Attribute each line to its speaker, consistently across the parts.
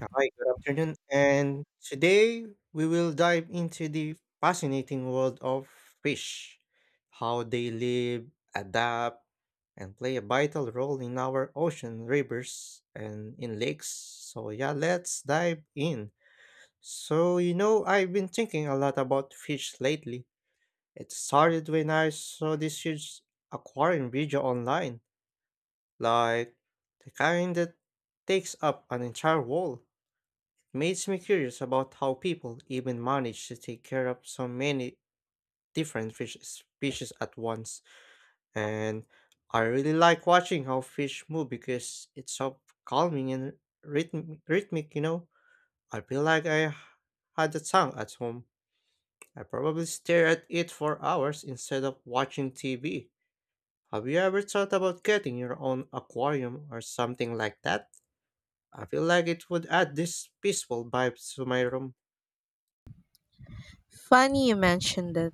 Speaker 1: Hi, good afternoon. And today we will dive into the fascinating world of fish, how they live, adapt, and play a vital role in our ocean, rivers, and in lakes. Let's dive in. I've been thinking a lot about fish lately. It started when I saw this huge aquarium video online, like the kind that takes up an entire wall. It makes me curious about how people even manage to take care of so many different fish species at once. And I really like watching how fish move because it's so calming and rhythmic. I feel like I had a tongue at home. I probably stare at it for hours instead of watching TV. Have you ever thought about getting your own aquarium or something like that? I feel like it would add this peaceful vibe to my room.
Speaker 2: Funny you mentioned it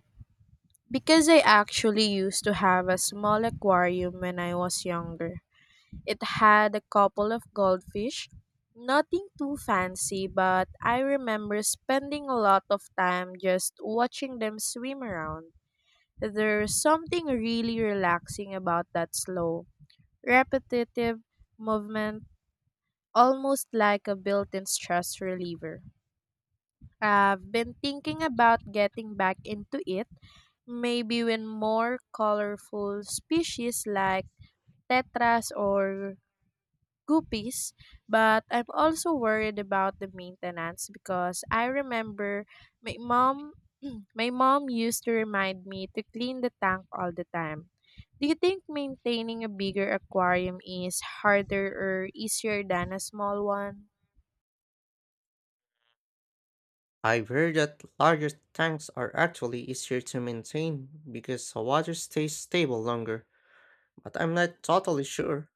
Speaker 2: because I actually used to have a small aquarium when I was younger. It had a couple of goldfish, nothing too fancy, but I remember spending a lot of time just watching them swim around. There's something really relaxing about that slow, repetitive movement, almost like a built in stress reliever. I've been thinking about getting back into it, maybe when more colorful species like tetras or guppies, but I'm also worried about the maintenance because I remember my mom my mom used to remind me to clean the tank all the time. Do you think maintaining a bigger aquarium is harder or easier than a small one?
Speaker 1: I've heard that larger tanks are actually easier to maintain because the water stays stable longer, but I'm not totally sure.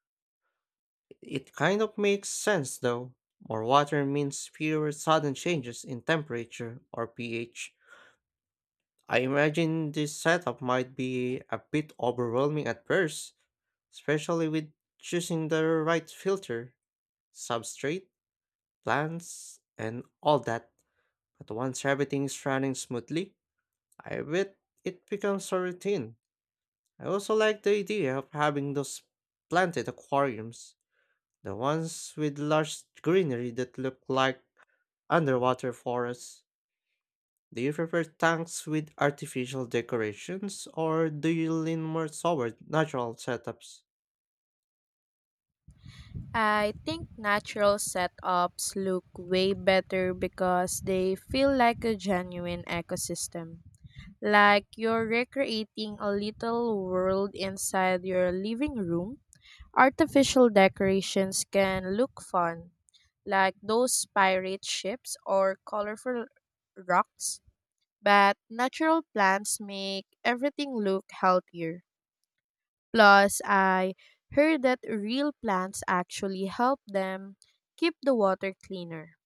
Speaker 1: It kind of makes sense though. More water means fewer sudden changes in temperature or pH. I imagine this setup might be a bit overwhelming at first, especially with choosing the right filter, substrate, plants, and all that. But once everything is running smoothly, I bet it becomes a routine. I also like the idea of having those planted aquariums, the ones with large greenery that look like underwater forests. Do you prefer tanks with artificial decorations or do you lean more toward natural setups?
Speaker 2: I think natural setups look way better because they feel like a genuine ecosystem. Like you're recreating a little world inside your living room. Artificial decorations can look fun, like those pirate ships or colorful rocks, but natural plants make everything look healthier. Plus, I heard that real plants actually help them keep the water cleaner.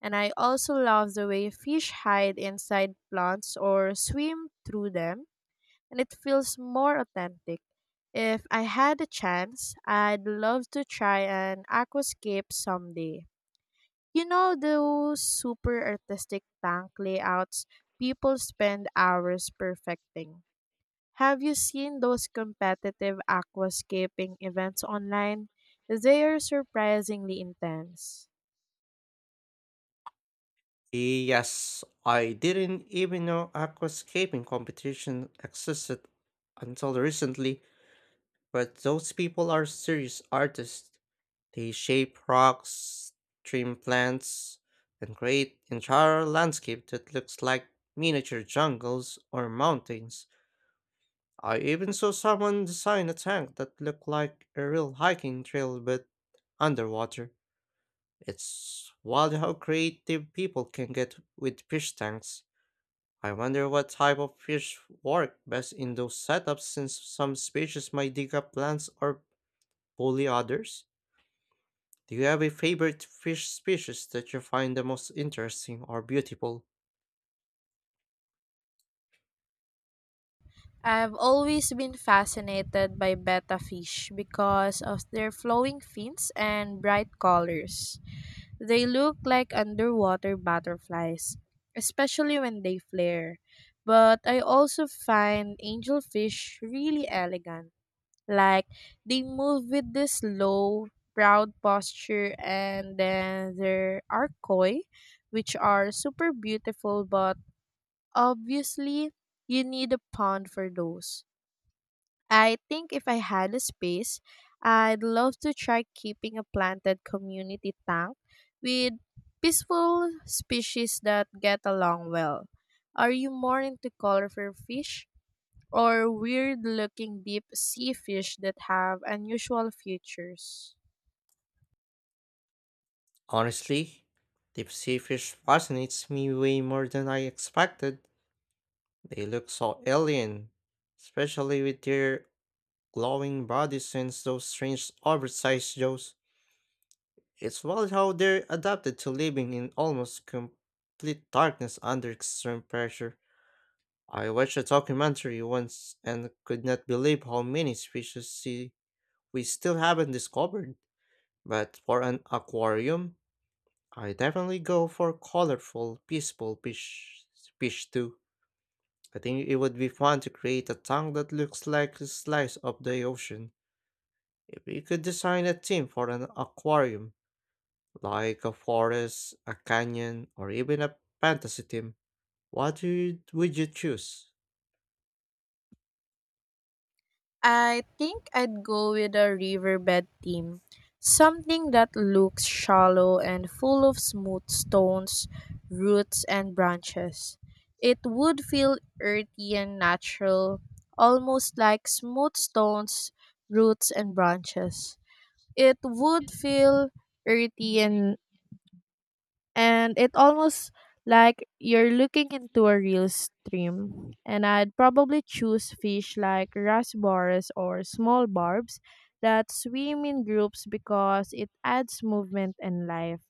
Speaker 2: And I also love the way fish hide inside plants or swim through them, and it feels more authentic. If I had a chance, I'd love to try an aquascape someday. You know those super artistic tank layouts people spend hours perfecting. Have you seen those competitive aquascaping events online? They are surprisingly intense.
Speaker 1: Yes, I didn't even know aquascaping competition existed until recently, but those people are serious artists. They shape rocks, trim plants, and create entire landscape that looks like miniature jungles or mountains. I even saw someone design a tank that looked like a real hiking trail but underwater. It's wild how creative people can get with fish tanks. I wonder what type of fish work best in those setups since some species might dig up plants or bully others. Do you have a favorite fish species that you find the most interesting or beautiful?
Speaker 2: I've always been fascinated by betta fish because of their flowing fins and bright colors. They look like underwater butterflies, especially when they flare. But I also find angelfish really elegant. Like they move with this low, proud posture, and then there are koi, which are super beautiful, but obviously you need a pond for those. I think if I had a space, I'd love to try keeping a planted community tank with peaceful species that get along well. Are you more into colorful fish or weird looking deep sea fish that have unusual features?
Speaker 1: Honestly, deep sea fish fascinates me way more than I expected. They look so alien, especially with their glowing bodies and those strange oversized jaws. It's wild how they're adapted to living in almost complete darkness under extreme pressure. I watched a documentary once and could not believe how many we still haven't discovered. But for an aquarium, I definitely go for colorful, peaceful fish too. I think it would be fun to create a tank that looks like a slice of the ocean. If we could design a theme for an aquarium, like a forest, a canyon, or even a fantasy theme, what would you choose?
Speaker 2: I think I'd go with a riverbed theme, something that looks shallow and full of smooth stones, roots, and branches. It would feel earthy and natural, almost like smooth stones, roots, and branches. It would feel earthy and it almost like you're looking into a real stream. And I'd probably choose fish like rasboras or small barbs that swim in groups because it adds movement and life.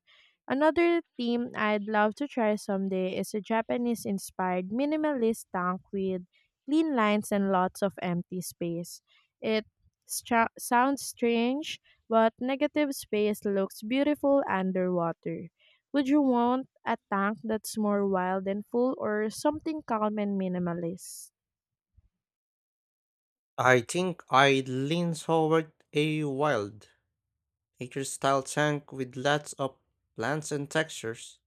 Speaker 2: Another theme I'd love to try someday is a Japanese inspired minimalist tank with clean lines and lots of empty space. It sounds strange, but negative space looks beautiful underwater. Would you want a tank that's more wild and full or something calm and minimalist?
Speaker 1: I think I'd lean toward a wild, nature style tank with lots of plants and textures.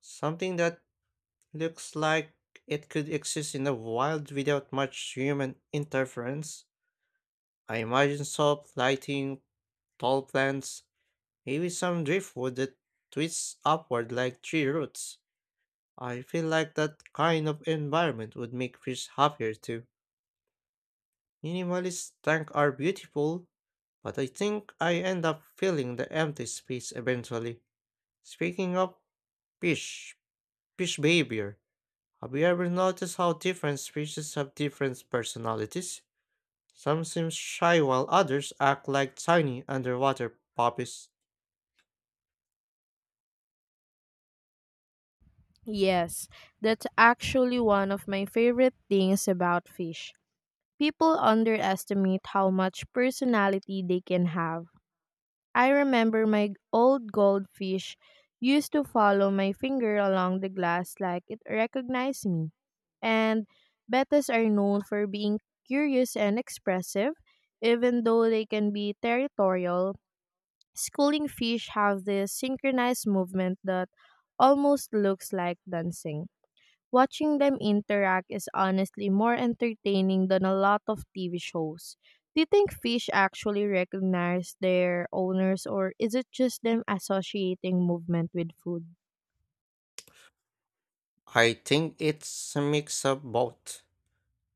Speaker 1: Something that looks like it could exist in the wild without much human interference. I imagine soft lighting, tall plants, maybe some driftwood that twists upward like tree roots. I feel like that kind of environment would make fish happier too. Minimalist tanks are beautiful, but I think I end up filling the empty space eventually. Speaking of fish, fish behavior. Have you ever noticed how different species have different personalities? Some seem shy while others act like tiny underwater puppies.
Speaker 2: Yes, that's actually one of my favorite things about fish. People underestimate how much personality they can have. I remember my old goldfish used to follow my finger along the glass like it recognized me. And bettas are known for being curious and expressive, even though they can be territorial. Schooling fish have this synchronized movement that almost looks like dancing. Watching them interact is honestly more entertaining than a lot of TV shows. Do you think fish actually recognize their owners or is it just them associating movement with food?
Speaker 1: I think it's a mix of both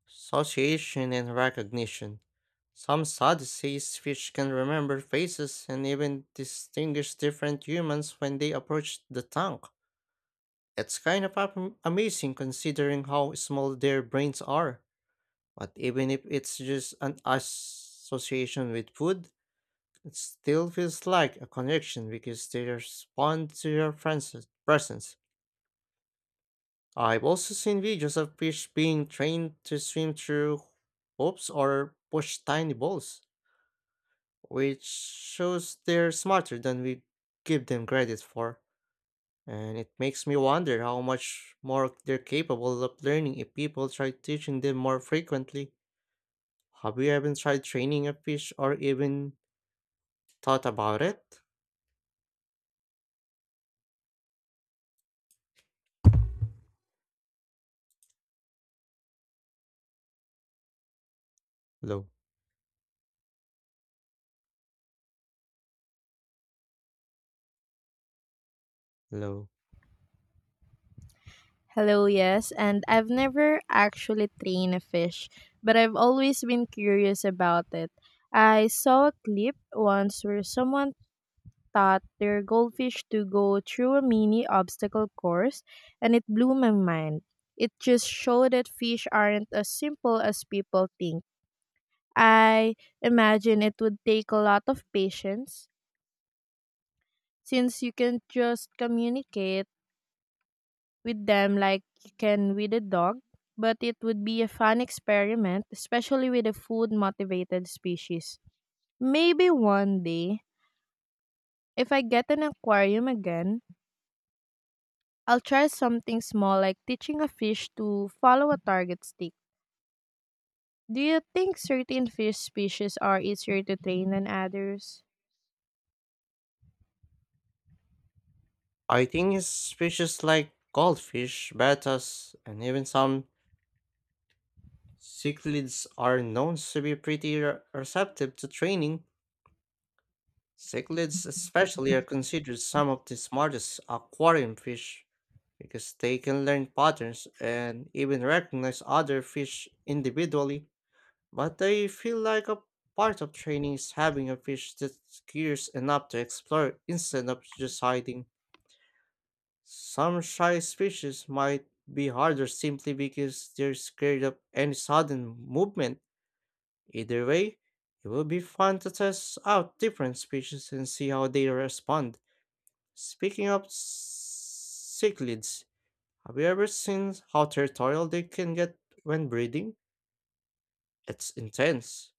Speaker 1: association and recognition. Some studies say fish can remember faces and even distinguish different humans when they approach the tank. It's kind of amazing considering how small their brains are. But even if it's just an association with food, it still feels like a connection because they respond to your friend's presence. I've also seen videos of fish being trained to swim through hoops or push tiny balls, which shows they're smarter than we give them credit for. And it makes me wonder how much more they're capable of learning if people try teaching them more frequently. Have you even tried training a fish or even thought about it? Low, low.
Speaker 2: Hello, yes, and I've never actually trained a fish, but I've always been curious about it. I saw a clip once where someone taught their goldfish to go through a mini obstacle course, and it blew my mind. It just showed that fish aren't as simple as people think. I imagine it would take a lot of patience since you can just communicate with them like you can with a dog, but it would be a fun experiment, especially with a food motivated species. Maybe one day, if I get an aquarium again, I'll try something small like teaching a fish to follow a target stick. Do you think certain fish species are easier to train than others?
Speaker 1: I think species like goldfish, bettas, and even some cichlids are known to be pretty receptive to training. Cichlids, especially, are considered some of the smartest aquarium fish because they can learn patterns and even recognize other fish individually. But they feel like a part of training is having a fish that's curious enough to explore instead of just hiding. Some shy species might be harder simply because they're scared of any sudden movement. Either way, it will be fun to test out different species and see how they respond. Speaking of cichlids, have you ever seen how territorial they can get when breeding? It's intense.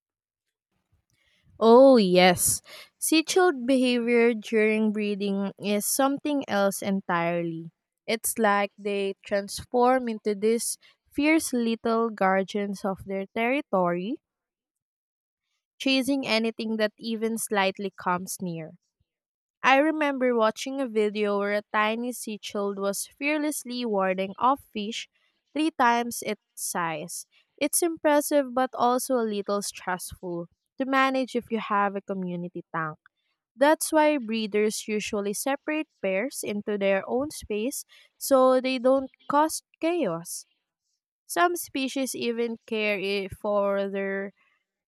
Speaker 2: Oh, yes. Sea child behavior during breeding is something else entirely. It's like they transform into these fierce little guardians of their territory, chasing anything that even slightly comes near. I remember watching a video where a tiny sea child was fearlessly warding off fish three times its size. It's impressive but also a little stressful to manage if you have a community tank. That's why breeders usually separate pairs into their own space so they don't cause chaos. Some species even care for their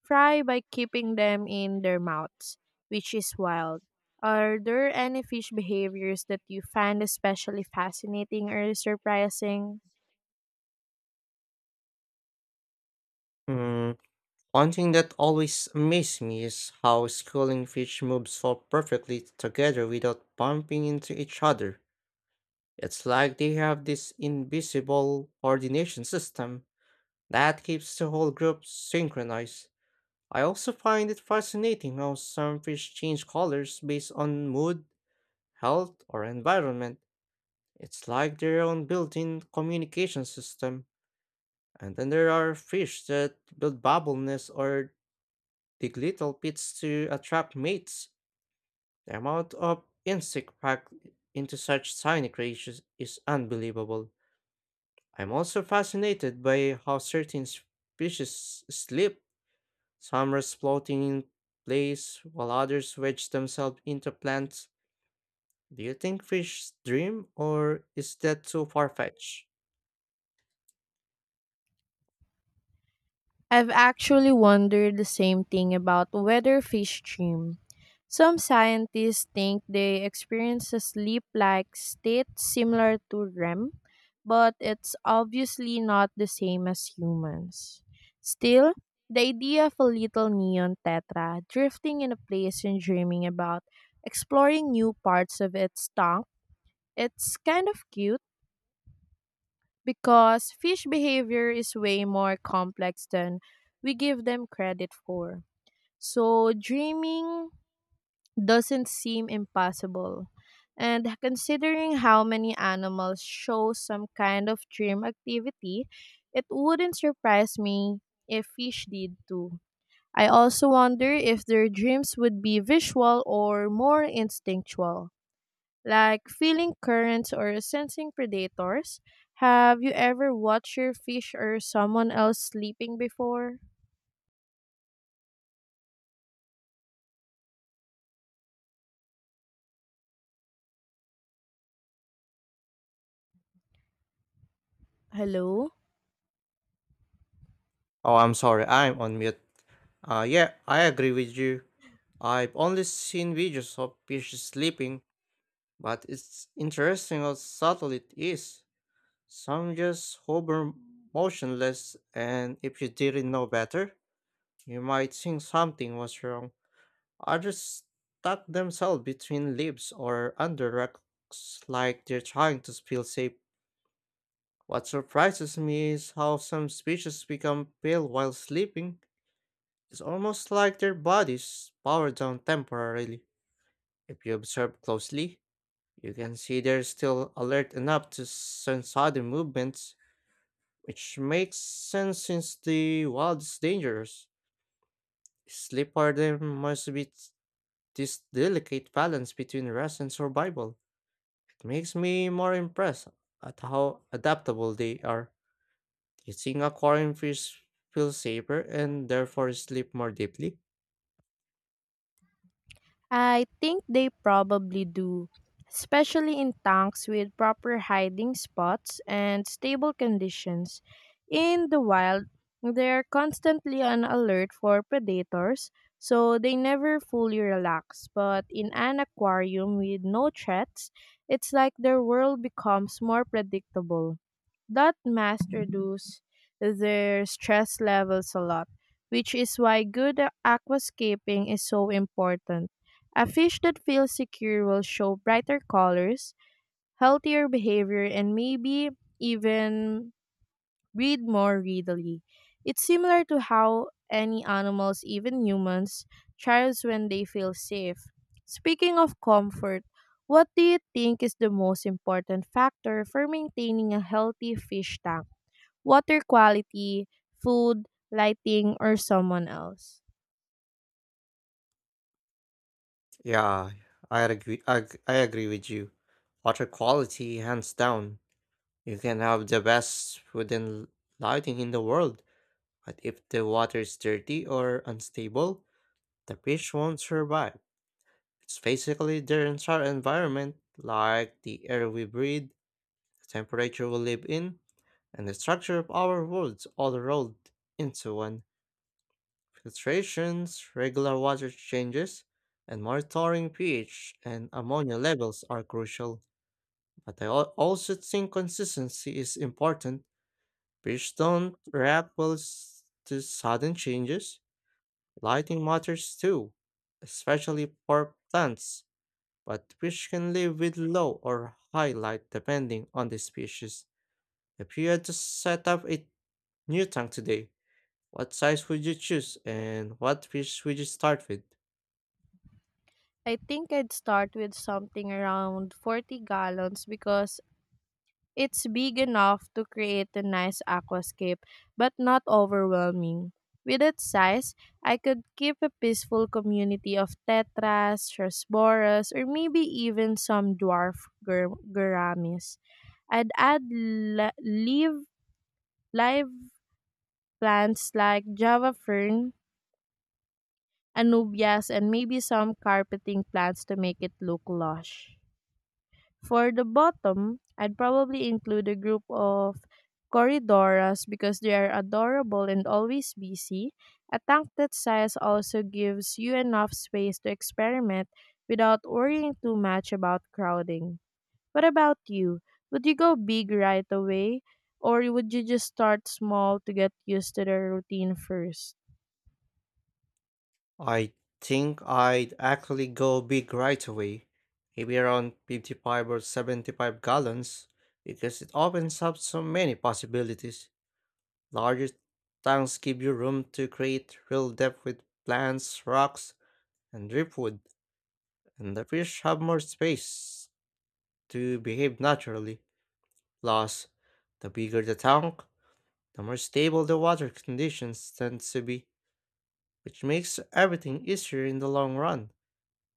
Speaker 2: fry by keeping them in their mouths, which is wild. Are there any fish behaviors that you find especially fascinating or surprising?
Speaker 1: Mm, one thing that always amazed me is how schooling fish move so perfectly together without bumping into each other. It's like they have this invisible coordination system that keeps the whole group synchronized. I also find it fascinating how some fish change colors based on mood, health, or environment. It's like their own built in communication system. And then there are fish that build bubble nests or dig little pits to attract mates. The amount of insect packed into such tiny creatures is unbelievable. I'm also fascinated by how certain species sleep, some rest floating in place while others wedge themselves into plants. Do you think fish dream, or is that too far fetched?
Speaker 2: I've actually wondered the same thing about whether fish dream. Some scientists think they experience a sleep like state similar to REM, but it's obviously not the same as humans. Still, the idea of a little neon tetra drifting in a place and dreaming about exploring new parts of its tongue, it's kind of cute because fish behavior is way more complex than we give them credit for. So, dreaming doesn't seem impossible. And considering how many animals show some kind of dream activity, it wouldn't surprise me if fish did too. I also wonder if their dreams would be visual or more instinctual like feeling currents or sensing predators. Have you ever watched your fish or someone else sleeping before? Hello?
Speaker 1: Oh, I'm sorry, I'm on mute. Yeah, I agree with you. I've only seen videos of fish sleeping, but it's interesting how subtle it is. Some just hover motionless, and if you didn't know better, you might think something was wrong. Others tuck themselves between leaves or under rocks like they're trying to feel safe. What surprises me is how some species become pale while sleeping. It's almost like their bodies power down temporarily. If you observe closely, you can see they're still alert enough to sense sudden movements, which makes sense since the wild is dangerous. Sleep for them must be this delicate balance between rest and survival. It makes me more impressed at how adaptable they are. Do you think aquarium fish feel safer and therefore sleep more deeply?
Speaker 2: I think they probably do, especially in tanks with proper hiding spots and stable conditions. In the wild, they're constantly on alert for predators, so they never fully relax. But in an aquarium with no threats, it's like their world becomes more predictable. That must reduce their stress levels a lot, which is why good aquascaping is so important. A fish that feels secure will show brighter colors, healthier behavior, and maybe even breed more readily. It's similar to how any animals, even humans, thrives when they feel safe. Speaking of comfort, what do you think is the most important factor for maintaining a healthy fish tank? Water quality, food, lighting, or someone else?
Speaker 1: Yeah, I agree. I agree with you. Water quality, hands down. You can have the best food and lighting in the world, but if the water is dirty or unstable, the fish won't survive. It's basically their entire environment, like the air we breathe, the temperature we live in, and the structure of our worlds all rolled into one. Filtrations, regular water changes, and monitoring pH and ammonia levels are crucial. But I also think consistency is important. Fish don't react well to sudden changes. Lighting matters too, especially for plants, but fish can live with low or high light depending on the species. If you had to set up a new tank today, what size would you choose and what fish would you start with?
Speaker 2: I think I'd start with something around 40 gallons because it's big enough to create a nice aquascape but not overwhelming. With its size, I could keep a peaceful community of tetras, chrysoboras, or maybe even some dwarf guramis. I'd add live plants like java fern, anubias, and maybe some carpeting plants to make it look lush. For the bottom, I'd probably include a group of Corridoras because they are adorable and always busy. A tank that size also gives you enough space to experiment without worrying too much about crowding. What about you? Would you go big right away or would you just start small to get used to the routine first?
Speaker 1: I think I'd actually go big right away, maybe around 55 or 75 gallons, because it opens up so many possibilities. Larger tanks give you room to create real depth with plants, rocks, and driftwood, and the fish have more space to behave naturally. Plus, the bigger the tank, the more stable the water conditions tend to be, which makes everything easier in the long run.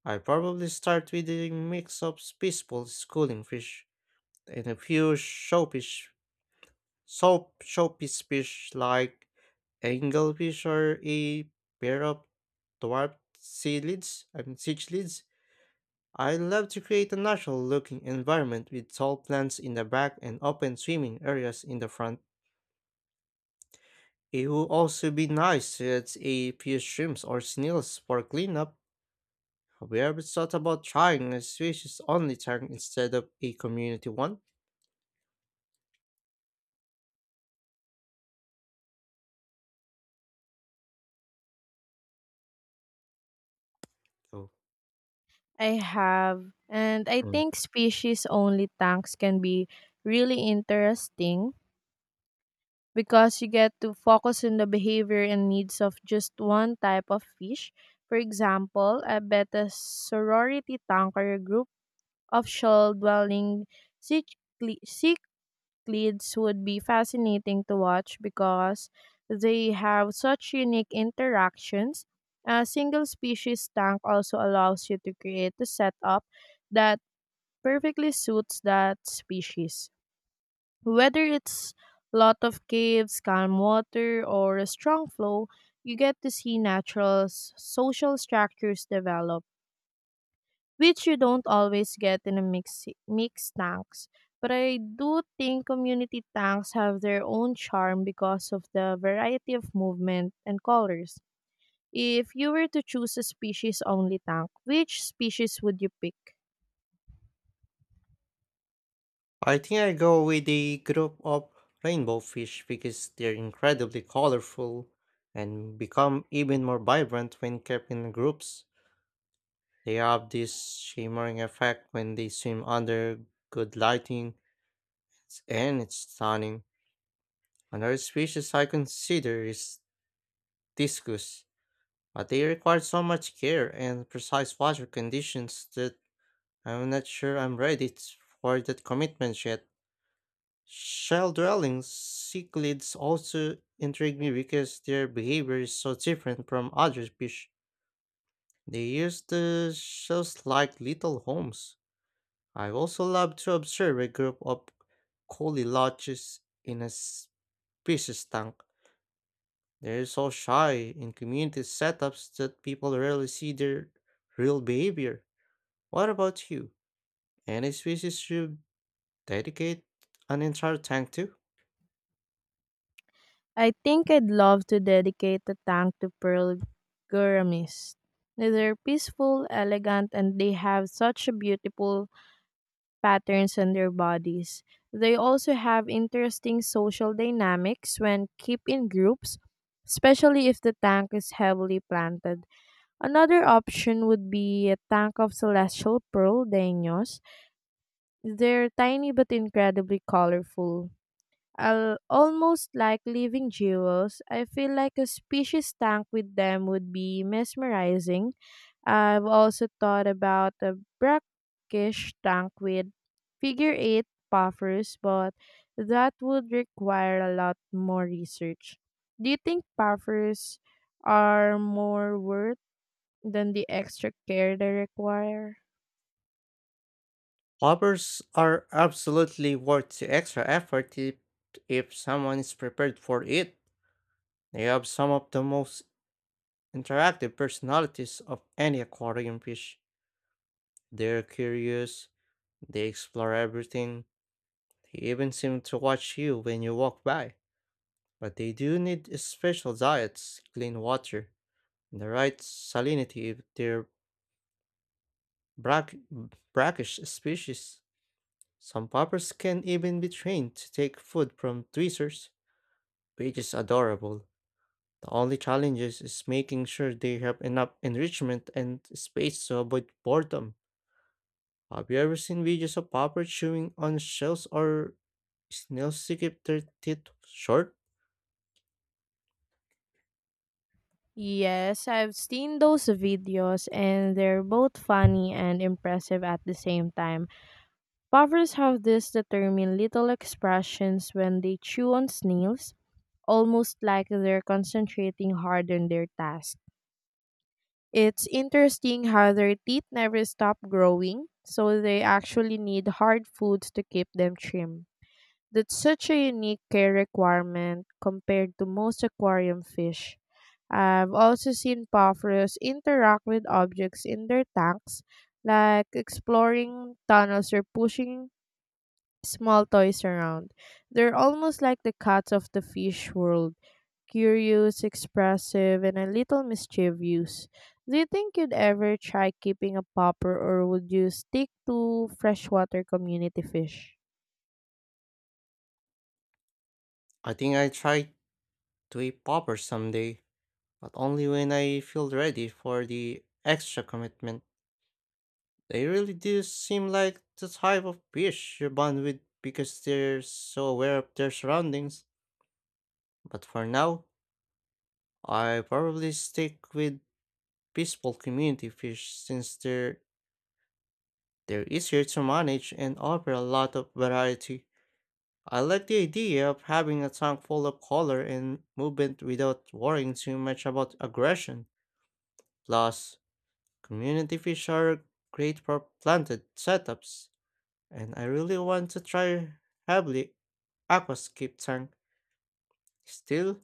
Speaker 1: I probably start with a mix of peaceful schooling fish and a few showfish, soap showpiece fish like anglefish or a pair of dwarf sea lids, I mean siege lids. I love to create a natural looking environment with tall plants in the back and open swimming areas in the front. It would also be nice to add a few shrimps or snails for cleanup. Have you ever thought about trying a species only tank instead of a community one? Oh.
Speaker 2: I have, and I
Speaker 1: Mm.
Speaker 2: think species only tanks can be really interesting because you get to focus on the behavior and needs of just one type of fish. For example, I bet a sorority tanker group of shell dwelling cichli- cichlids would be fascinating to watch because they have such unique interactions. A single species tank also allows you to create a setup that perfectly suits that species. Whether it's lot of caves, calm water, or a strong flow, you get to see natural social structures develop, which you don't always get in a mixed tanks. But I do think community tanks have their own charm because of the variety of movement and colors. If you were to choose a species only tank, which species would you pick?
Speaker 1: I think I go with a group of rainbow fish because they're incredibly colorful and become even more vibrant when kept in groups. They have this shimmering effect when they swim under good lighting, and it's stunning. Another species I consider is discus, but they require so much care and precise water conditions that I'm not sure I'm ready for that commitment yet. Shell dwelling cichlids also intrigue me because their behavior is so different from other fish. They use the shells like little homes. I also love to observe a group of coeloches in a species tank. They're so shy in community setups that people rarely see their real behavior. What about you? Any species you dedicate an entire tank to?
Speaker 2: I think I'd love to dedicate a tank to Pearl gouramis. They're peaceful, elegant, and they have such beautiful patterns on their bodies. They also have interesting social dynamics when kept in groups, especially if the tank is heavily planted. Another option would be a tank of celestial pearl danios. They're tiny but incredibly colorful. Al Almost like living jewels. I feel like a species tank with them would be mesmerizing. I've also thought about a brackish tank with figure eight puffers, but that would require a lot more research. Do you think puffers are more worth than the extra care they require?
Speaker 1: Hoppers are absolutely worth the extra effort if someone is prepared for it. They have some of the most interactive personalities of any aquarium fish. They're curious, they explore everything, they even seem to watch you when you walk by. But they do need special diets, clean water, and the right salinity if they're brack- brackish species. Some poppers can even be trained to take food from tweezers, which is adorable. The only challenge is making sure they have enough enrichment and space to avoid boredom. Have you ever seen videos of poppers chewing on shells or snails to keep their teeth short?
Speaker 2: Yes, I've seen those videos and they're both funny and impressive at the same time. Puffers have these determined little expressions when they chew on snails, almost like they're concentrating hard on their task. It's interesting how their teeth never stop growing, so they actually need hard foods to keep them trim. That's such a unique care requirement compared to most aquarium fish. I've also seen puffers interact with objects in their tanks, like exploring tunnels or pushing small toys around. They're almost like the cats of the fish world, curious, expressive, and a little mischievous. Do you think you'd ever try keeping a popper or would you stick to freshwater community fish?
Speaker 1: I think I try to eat popper someday, but only when I feel ready for the extra commitment. They really do seem like the type of fish you bond with because they're so aware of their surroundings. But for now, I probably stick with peaceful community fish since they're easier to manage and offer a lot of variety. I like the idea of having a tank full of color and movement without worrying too much about aggression. Plus, community fish are great for planted setups, and I really want to try Habli aquascape tank. Still,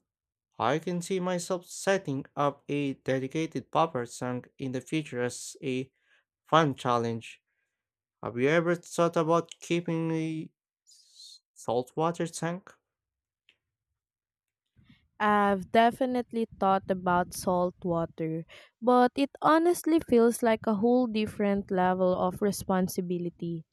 Speaker 1: I can see myself setting up a dedicated popper tank in the future as a fun challenge. Have you ever thought about keeping a saltwater tank?
Speaker 2: I've definitely thought about salt water, but it honestly feels like a whole different level of responsibility.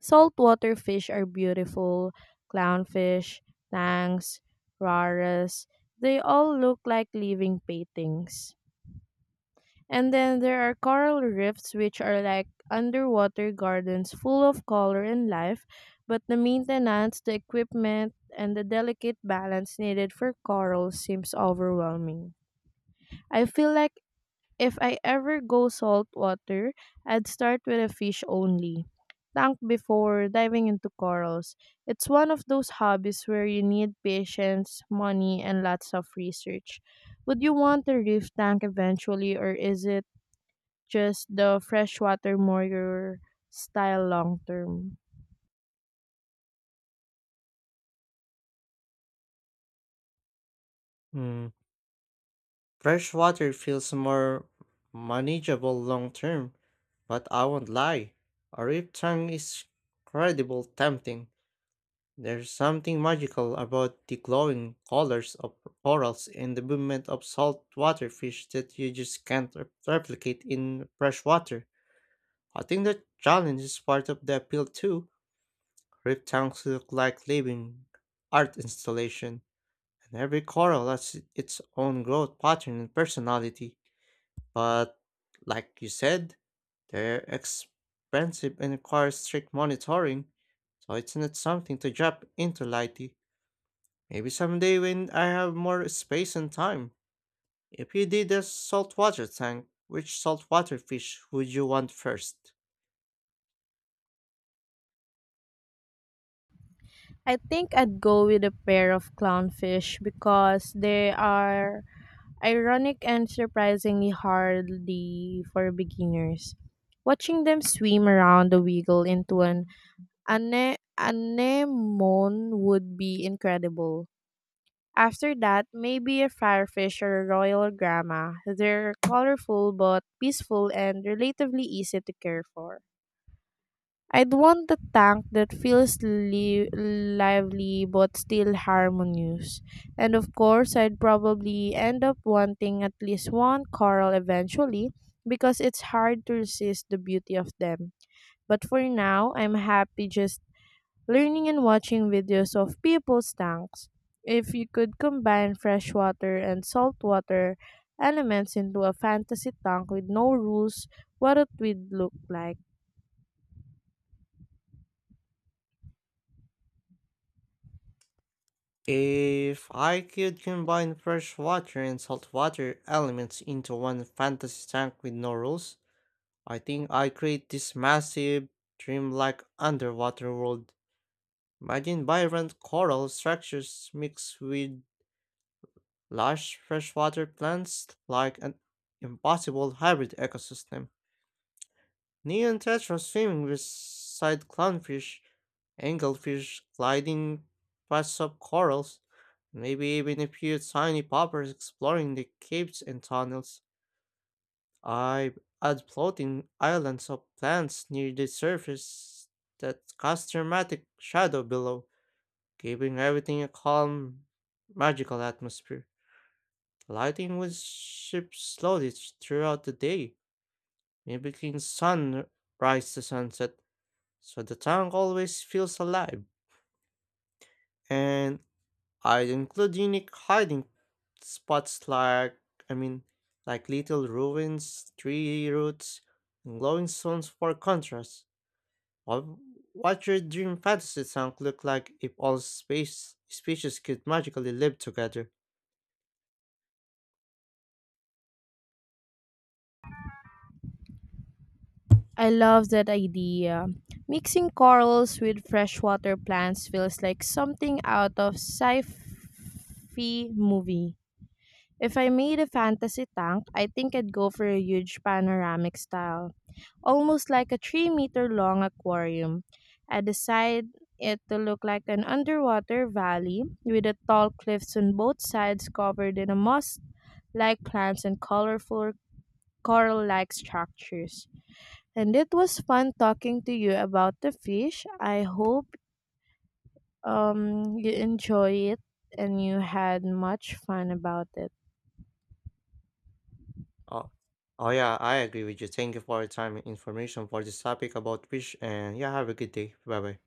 Speaker 2: Saltwater fish are beautiful, clownfish, tangs, raras, they all look like living paintings. And then there are coral reefs, which are like underwater gardens full of color and life, but the maintenance, the equipment, and the delicate balance needed for corals seems overwhelming. I feel like if I ever go saltwater, I'd start with a fish only tank before diving into corals. It's one of those hobbies where you need patience, money, and lots of research. Would you want a reef tank eventually, or is it just the freshwater moyer style long term?
Speaker 1: Hmm, freshwater feels more manageable long term, but I won't lie, a rip tank is incredibly tempting. There's something magical about the glowing colors of corals and the movement of saltwater fish that you just can't replicate in fresh water. I think that challenge is part of the appeal too. Reef tanks look like living art installation, and every coral has its own growth pattern and personality. But like you said, they're expensive and require strict monitoring, so it's not something to jump into lightly. Maybe someday when I have more space and time. If you did a saltwater tank, which saltwater fish would you want first?
Speaker 2: I think I'd go with a pair of clownfish because they are ironic and surprisingly hardy for beginners. Watching them swim around the wiggle into an anemone would be incredible. After that, maybe a firefish or a royal grama. They're colorful but peaceful and relatively easy to care for. I'd want a tank that feels lively but still harmonious. And of course, I'd probably end up wanting at least one coral eventually because it's hard to resist the beauty of them. But for now, I'm happy just learning and watching videos of people's tanks. If you could combine freshwater and saltwater elements into a fantasy tank with no rules, what it would look like?
Speaker 1: If I could combine freshwater and saltwater elements into one fantasy tank with no rules, I think I'd create this massive, dreamlike underwater world. Imagine vibrant coral structures mixed with lush freshwater plants like an impossible hybrid ecosystem. Neon tetra swimming beside clownfish, anglefish gliding past sub corals, maybe even a few tiny poppers exploring the caves and tunnels. I add floating islands of plants near the surface that cast dramatic shadow below, giving everything a calm, magical atmosphere. Lighting would shift slowly throughout the day, mimicking sunrise to sunset so the tank always feels alive. And I'd include unique hiding spots like, I mean, like little ruins, tree roots, and glowing stones for contrast. What what your dream fantasy tank look like if all space species could magically live together?
Speaker 2: I love that idea. Mixing corals with freshwater plants feels like something out of sci-fi movie. If I made a fantasy tank, I think I'd go for a huge panoramic style, almost like a 3-meter long aquarium. I decide it to look like an underwater valley with the tall cliffs on both sides covered in a moss like plants and colorful coral like structures. And it was fun talking to you about the fish. I hope you enjoy it and you had much fun about it.
Speaker 1: Oh, oh yeah, I agree with you. Thank you for your time and information for this topic about fish. And yeah, have a good day. Bye bye.